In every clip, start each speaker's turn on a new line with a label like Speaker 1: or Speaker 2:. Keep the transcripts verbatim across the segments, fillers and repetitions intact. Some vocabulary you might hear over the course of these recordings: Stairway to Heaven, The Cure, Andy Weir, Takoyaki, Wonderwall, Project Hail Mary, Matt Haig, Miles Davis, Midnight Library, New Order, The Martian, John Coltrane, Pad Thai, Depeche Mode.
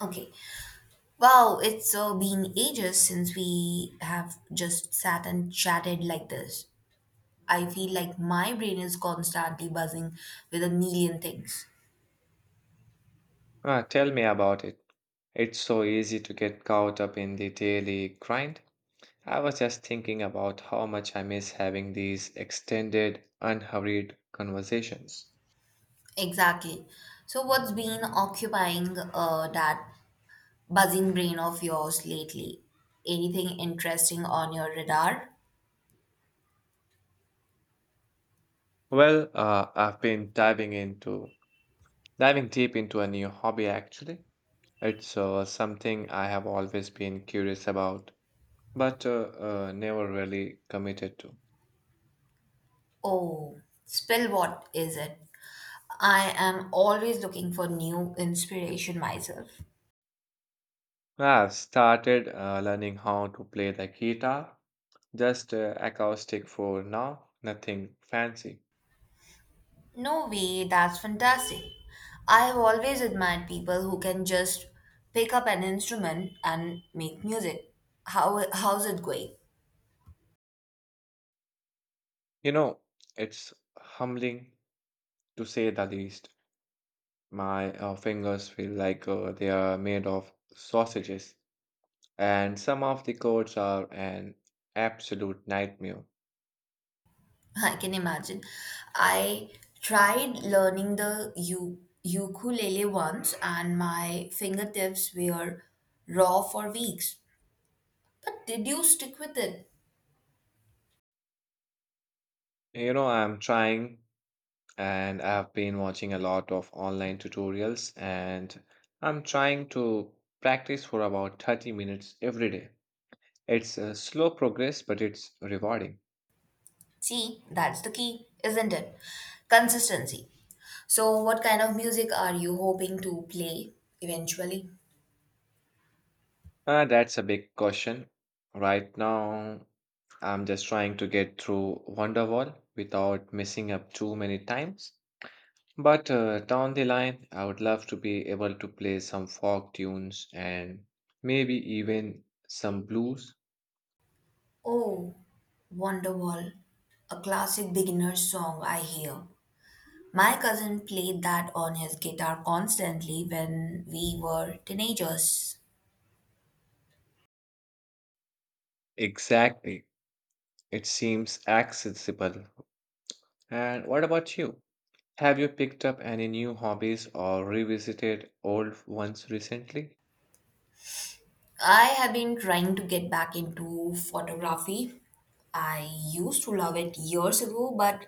Speaker 1: Okay. Wow, it's uh, been ages since we have just sat and chatted like this. I feel like my brain is constantly buzzing with a million things.
Speaker 2: Ah, tell me about it. It's so easy to get caught up in the daily grind. I was just thinking about how much I miss having these extended, unhurried conversations.
Speaker 1: Exactly. So, what's been occupying uh, that buzzing brain of yours lately? Anything interesting on your radar?
Speaker 2: Well, uh, I've been diving into diving deep into a new hobby actually. It's uh, something I have always been curious about, but uh, uh, never really committed to.
Speaker 1: Oh, spill, what is it? I am always looking for new inspiration myself.
Speaker 2: I've started uh, learning how to play the guitar. Just uh, acoustic for now, nothing fancy.
Speaker 1: No way, that's fantastic. I have always admired people who can just pick up an instrument and make music. How how's it going?
Speaker 2: You know, it's humbling to say the least. My uh, fingers feel like uh, they are made of sausages, and some of the chords are an absolute nightmare.
Speaker 1: I can imagine. I tried learning the u- ukulele once and my fingertips were raw for weeks. But did you stick with it?
Speaker 2: You know, I'm trying, and I've been watching a lot of online tutorials, and I'm trying to practice for about thirty minutes every day. It's a slow progress, but it's rewarding.
Speaker 1: See, that's the key, isn't it? Consistency. So, what kind of music are you hoping to play eventually?
Speaker 2: Uh, that's a big question. Right now, I'm just trying to get through Wonderwall without messing up too many times. But uh, down the line, I would love to be able to play some folk tunes and maybe even some blues.
Speaker 1: Oh, Wonderwall, a classic beginner song I hear. My cousin played that on his guitar constantly when we were teenagers.
Speaker 2: Exactly. It seems accessible. And what about you? Have you picked up any new hobbies or revisited old ones recently?
Speaker 1: I have been trying to get back into photography. I used to love it years ago, but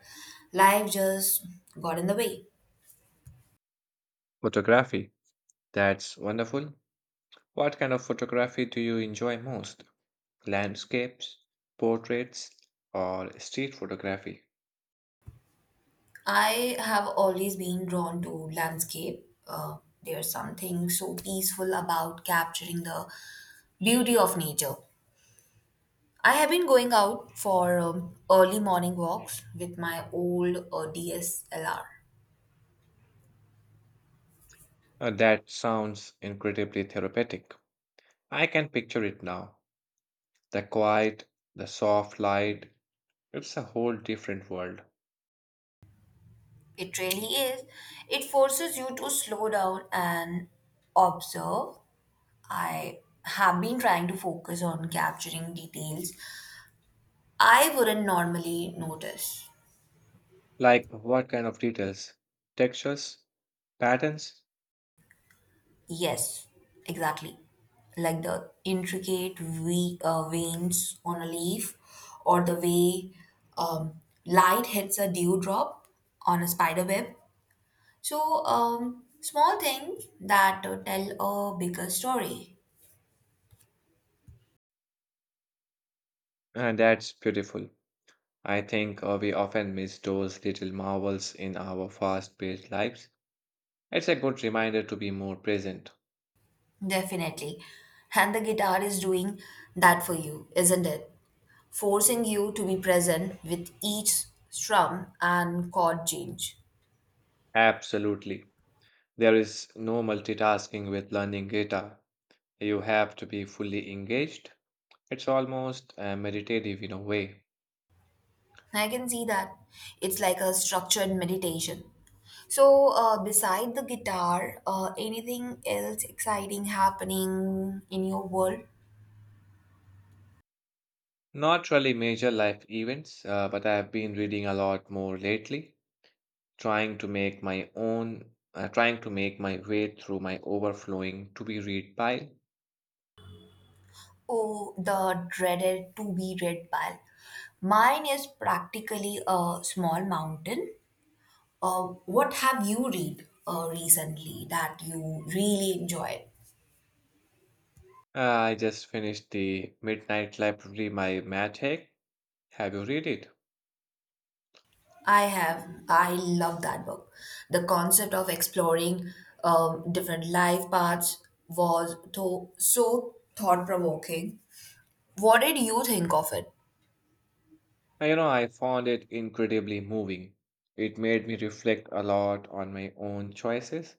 Speaker 1: life just got in the way.
Speaker 2: Photography. That's wonderful. What kind of photography do you enjoy most? Landscapes, portraits, or street photography?
Speaker 1: I have always been drawn to landscape. Uh, there's something so peaceful about capturing the beauty of nature. I have been going out for um, early morning walks with my old uh, D S L R.
Speaker 2: Uh, that sounds incredibly therapeutic. I can picture it now. The quiet, the soft light, it's a whole different world.
Speaker 1: It really is. It forces you to slow down and observe. I have been trying to focus on capturing details I wouldn't normally notice.
Speaker 2: Like what kind of details? Textures? Patterns?
Speaker 1: Yes, exactly. Like the intricate ve- uh, veins on a leaf or the way um, light hits a dewdrop on a spider web. So, um, small things that uh, tell a bigger story,
Speaker 2: And that's beautiful. I think uh, we often miss those little marvels in our fast paced lives. It's a good reminder to be more present.
Speaker 1: definitely. And the guitar is doing that for you, isn't it? Forcing you to be present with each strum and chord change.
Speaker 2: Absolutely. There is no multitasking with learning guitar. You have to be fully engaged. It's almost uh, meditative in a way.
Speaker 1: I can see that. It's like a structured meditation. So, uh, beside the guitar, uh, anything else exciting happening in your world?
Speaker 2: Not really major life events, uh, but I have been reading a lot more lately, trying to make my own, uh, trying to make my way through my overflowing to be read pile.
Speaker 1: Oh, the dreaded to be read pile. Mine is practically a small mountain. Uh, what have you read uh, recently that you really enjoyed?
Speaker 2: Uh, I just finished the Midnight Library by Matt Haig. Have you read it?
Speaker 1: I have. I love that book. The concept of exploring um, different life paths was tho- so thought provoking. What did you think of it?
Speaker 2: Uh, You know, I found it incredibly moving. It made me reflect a lot on my own choices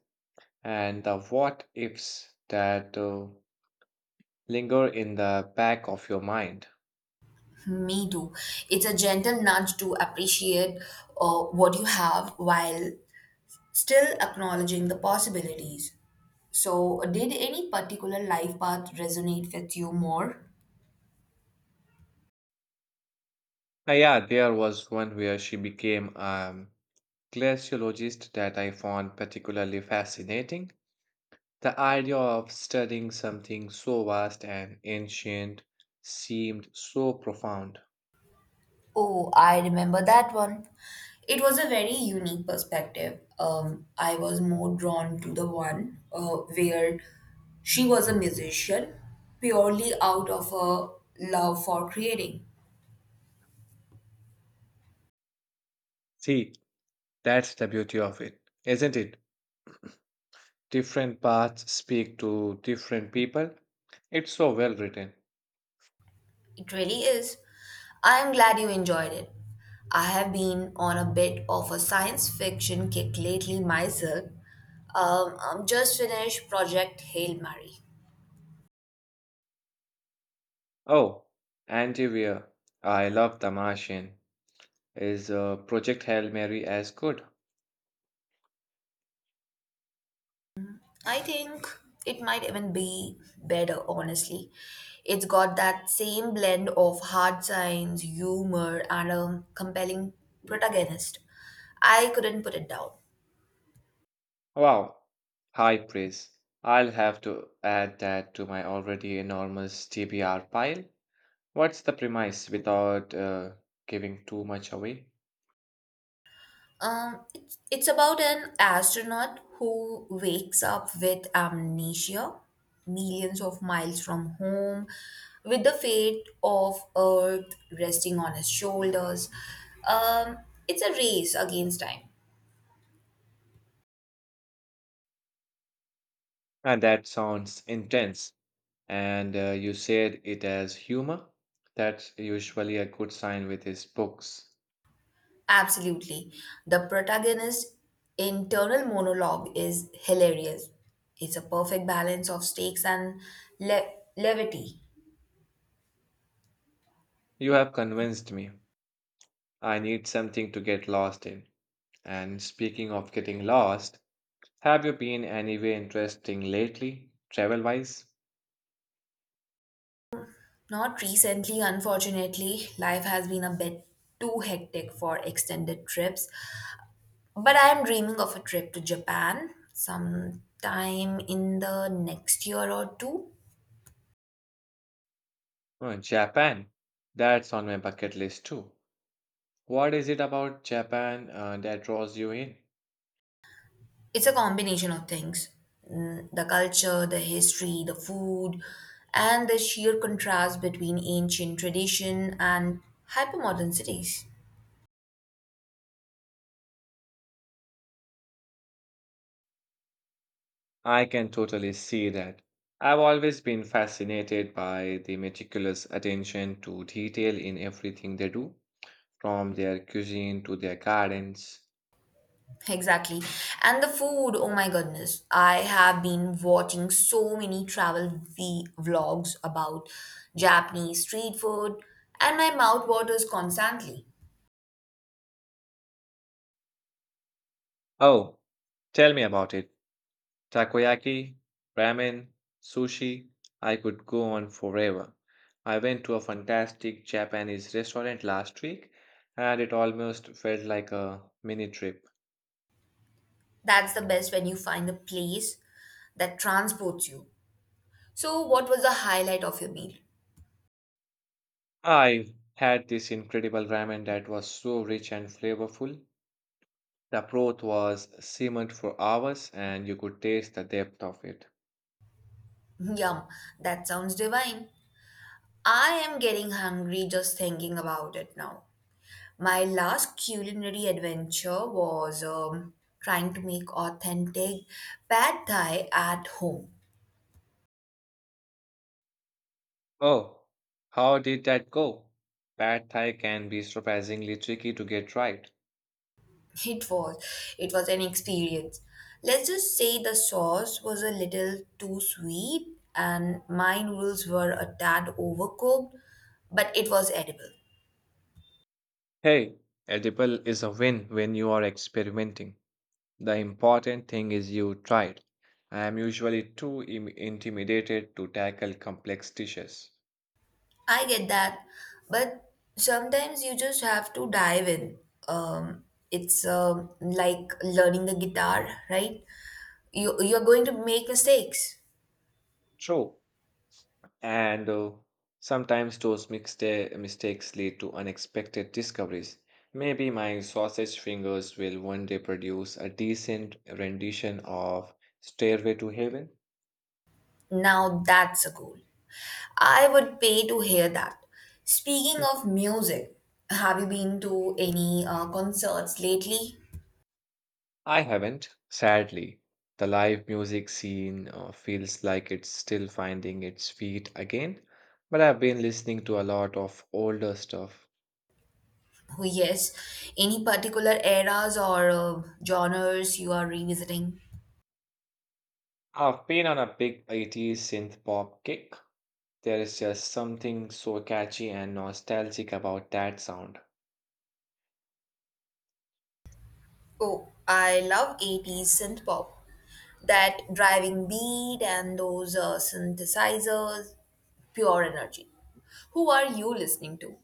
Speaker 2: and the what ifs that uh, linger in the back of your mind.
Speaker 1: Me too. It's a gentle nudge to appreciate uh, what you have while still acknowledging the possibilities. So, did any particular life path resonate with you more?
Speaker 2: Ah, yeah, there was one where she became a glaciologist that I found particularly fascinating. The idea of studying something so vast and ancient seemed so profound.
Speaker 1: Oh, I remember that one. It was a very unique perspective. Um, I was more drawn to the one uh, where she was a musician purely out of a love for creating.
Speaker 2: See, that's the beauty of it, isn't it? Different paths speak to different people. It's so well written.
Speaker 1: It really is. I am glad you enjoyed it. I have been on a bit of a science fiction kick lately myself. Um, I'm just finished Project Hail Mary.
Speaker 2: Oh, Andy Weir, I love The Martian. Is uh, Project Hail Mary as good?
Speaker 1: I think it might even be better, honestly. It's got that same blend of hard science, humor, and a compelling protagonist. I couldn't put it down.
Speaker 2: Wow, high praise. I'll have to add that to my already enormous T B R pile. What's the premise without uh, giving too much away?
Speaker 1: Um, it's, it's about an astronaut who wakes up with amnesia, millions of miles from home, with the fate of Earth resting on his shoulders. Um, it's a race against time.
Speaker 2: And that sounds intense. And uh, you said it as humor? That's usually a good sign with his books.
Speaker 1: Absolutely. The protagonist's internal monologue is hilarious. It's a perfect balance of stakes and le- levity.
Speaker 2: You have convinced me. I need something to get lost in. And speaking of getting lost, have you been anywhere interesting lately, travel wise?
Speaker 1: Not recently, unfortunately. Life has been a bit too hectic for extended trips. But I am dreaming of a trip to Japan sometime in the next year or two.
Speaker 2: Oh, Japan. That's on my bucket list too. What is it about Japan uh, that draws you in?
Speaker 1: It's a combination of things. Mm, the culture, the history, the food, and the sheer contrast between ancient tradition and hypermodern cities.
Speaker 2: I can totally see that. I've always been fascinated by the meticulous attention to detail in everything they do, from their cuisine to their gardens.
Speaker 1: Exactly. And the food, oh my goodness. I have been watching so many travel v- vlogs about Japanese street food, and my mouth waters constantly.
Speaker 2: Oh, tell me about it. Takoyaki, ramen, sushi, I could go on forever. I went to a fantastic Japanese restaurant last week and it almost felt like a mini trip.
Speaker 1: That's the best when you find a place that transports you. So, what was the highlight of your meal?
Speaker 2: I had this incredible ramen that was so rich and flavorful. The broth was simmered for hours and you could taste the depth of it.
Speaker 1: Yum, that sounds divine. I am getting hungry just thinking about it now. My last culinary adventure was um, trying to make authentic pad thai at home.
Speaker 2: Oh, how did that go? Pad Thai can be surprisingly tricky to get right.
Speaker 1: It was it was an experience. Let's just say the sauce was a little too sweet and my noodles were a tad overcooked, but it was edible.
Speaker 2: Hey, edible is a win when you are experimenting. The important thing is you tried. I am usually too im- intimidated to tackle complex dishes.
Speaker 1: I get that, but sometimes you just have to dive in. Um, it's um like learning the guitar, right? You you're going to make mistakes.
Speaker 2: True. And uh, sometimes those mixta- mistakes lead to unexpected discoveries. Maybe my sausage fingers will one day produce a decent rendition of Stairway to Heaven.
Speaker 1: Now that's a goal. I would pay to hear that. Speaking of music, have you been to any uh, concerts lately?
Speaker 2: I haven't, sadly. The live music scene uh, feels like it's still finding its feet again, but I've been listening to a lot of older stuff.
Speaker 1: Oh, yes. Any particular eras or uh, genres you are revisiting?
Speaker 2: I've been on a big eighties synth pop kick. There is just something so catchy and nostalgic about that sound.
Speaker 1: Oh, I love eighties synth pop. That driving beat and those uh, synthesizers, pure energy. Who are you listening to?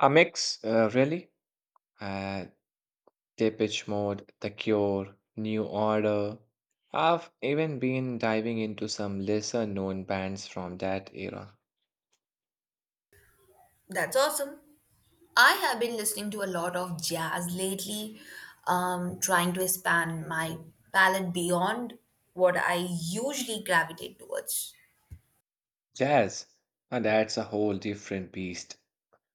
Speaker 2: A mix, uh, really. Uh, Depeche Mode, The Cure, New Order. I've even been diving into some lesser known bands from that era.
Speaker 1: That's awesome. I have been listening to a lot of jazz lately, um, trying to expand my palette beyond what I usually gravitate towards.
Speaker 2: Jazz. And that's a whole different beast.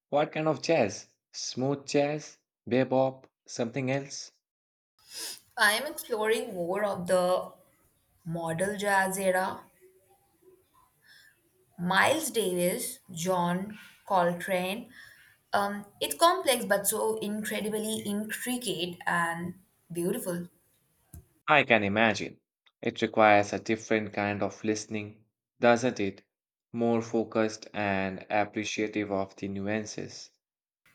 Speaker 2: What kind of jazz? Smooth jazz? Bebop? Something else?
Speaker 1: I am exploring more of the modal jazz era, Miles Davis, John Coltrane. Um, it's complex but so incredibly intricate and beautiful.
Speaker 2: I can imagine. It requires a different kind of listening, doesn't it? More focused and appreciative of the nuances.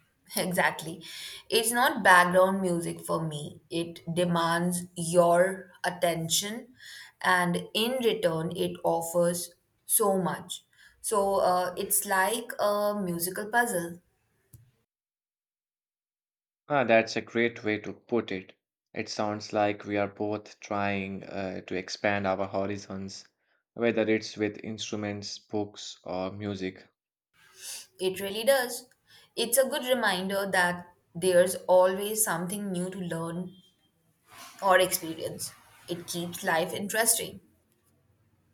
Speaker 1: Exactly. It's not background music for me. It demands your attention, and in return, it offers so much. So uh, it's like a musical puzzle.
Speaker 2: Ah, that's a great way to put it. It sounds like we are both trying uh, to expand our horizons, whether it's with instruments, books, or music.
Speaker 1: It really does. It's a good reminder that there's always something new to learn or experience. It keeps life interesting.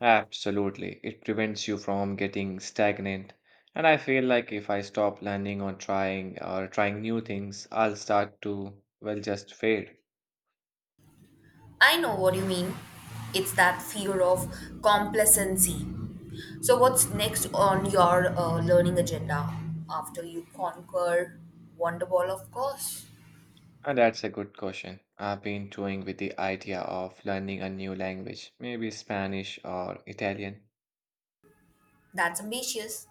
Speaker 2: Absolutely. It prevents you from getting stagnant. And I feel like if I stop landing on trying or trying new things, I'll start to, well, just fade.
Speaker 1: I know what you mean. It's that fear of complacency. So, what's next on your uh, learning agenda after you conquer Wonderball, of course?
Speaker 2: And that's a good question. I've been toying with the idea of learning a new language, maybe Spanish or Italian.
Speaker 1: That's ambitious.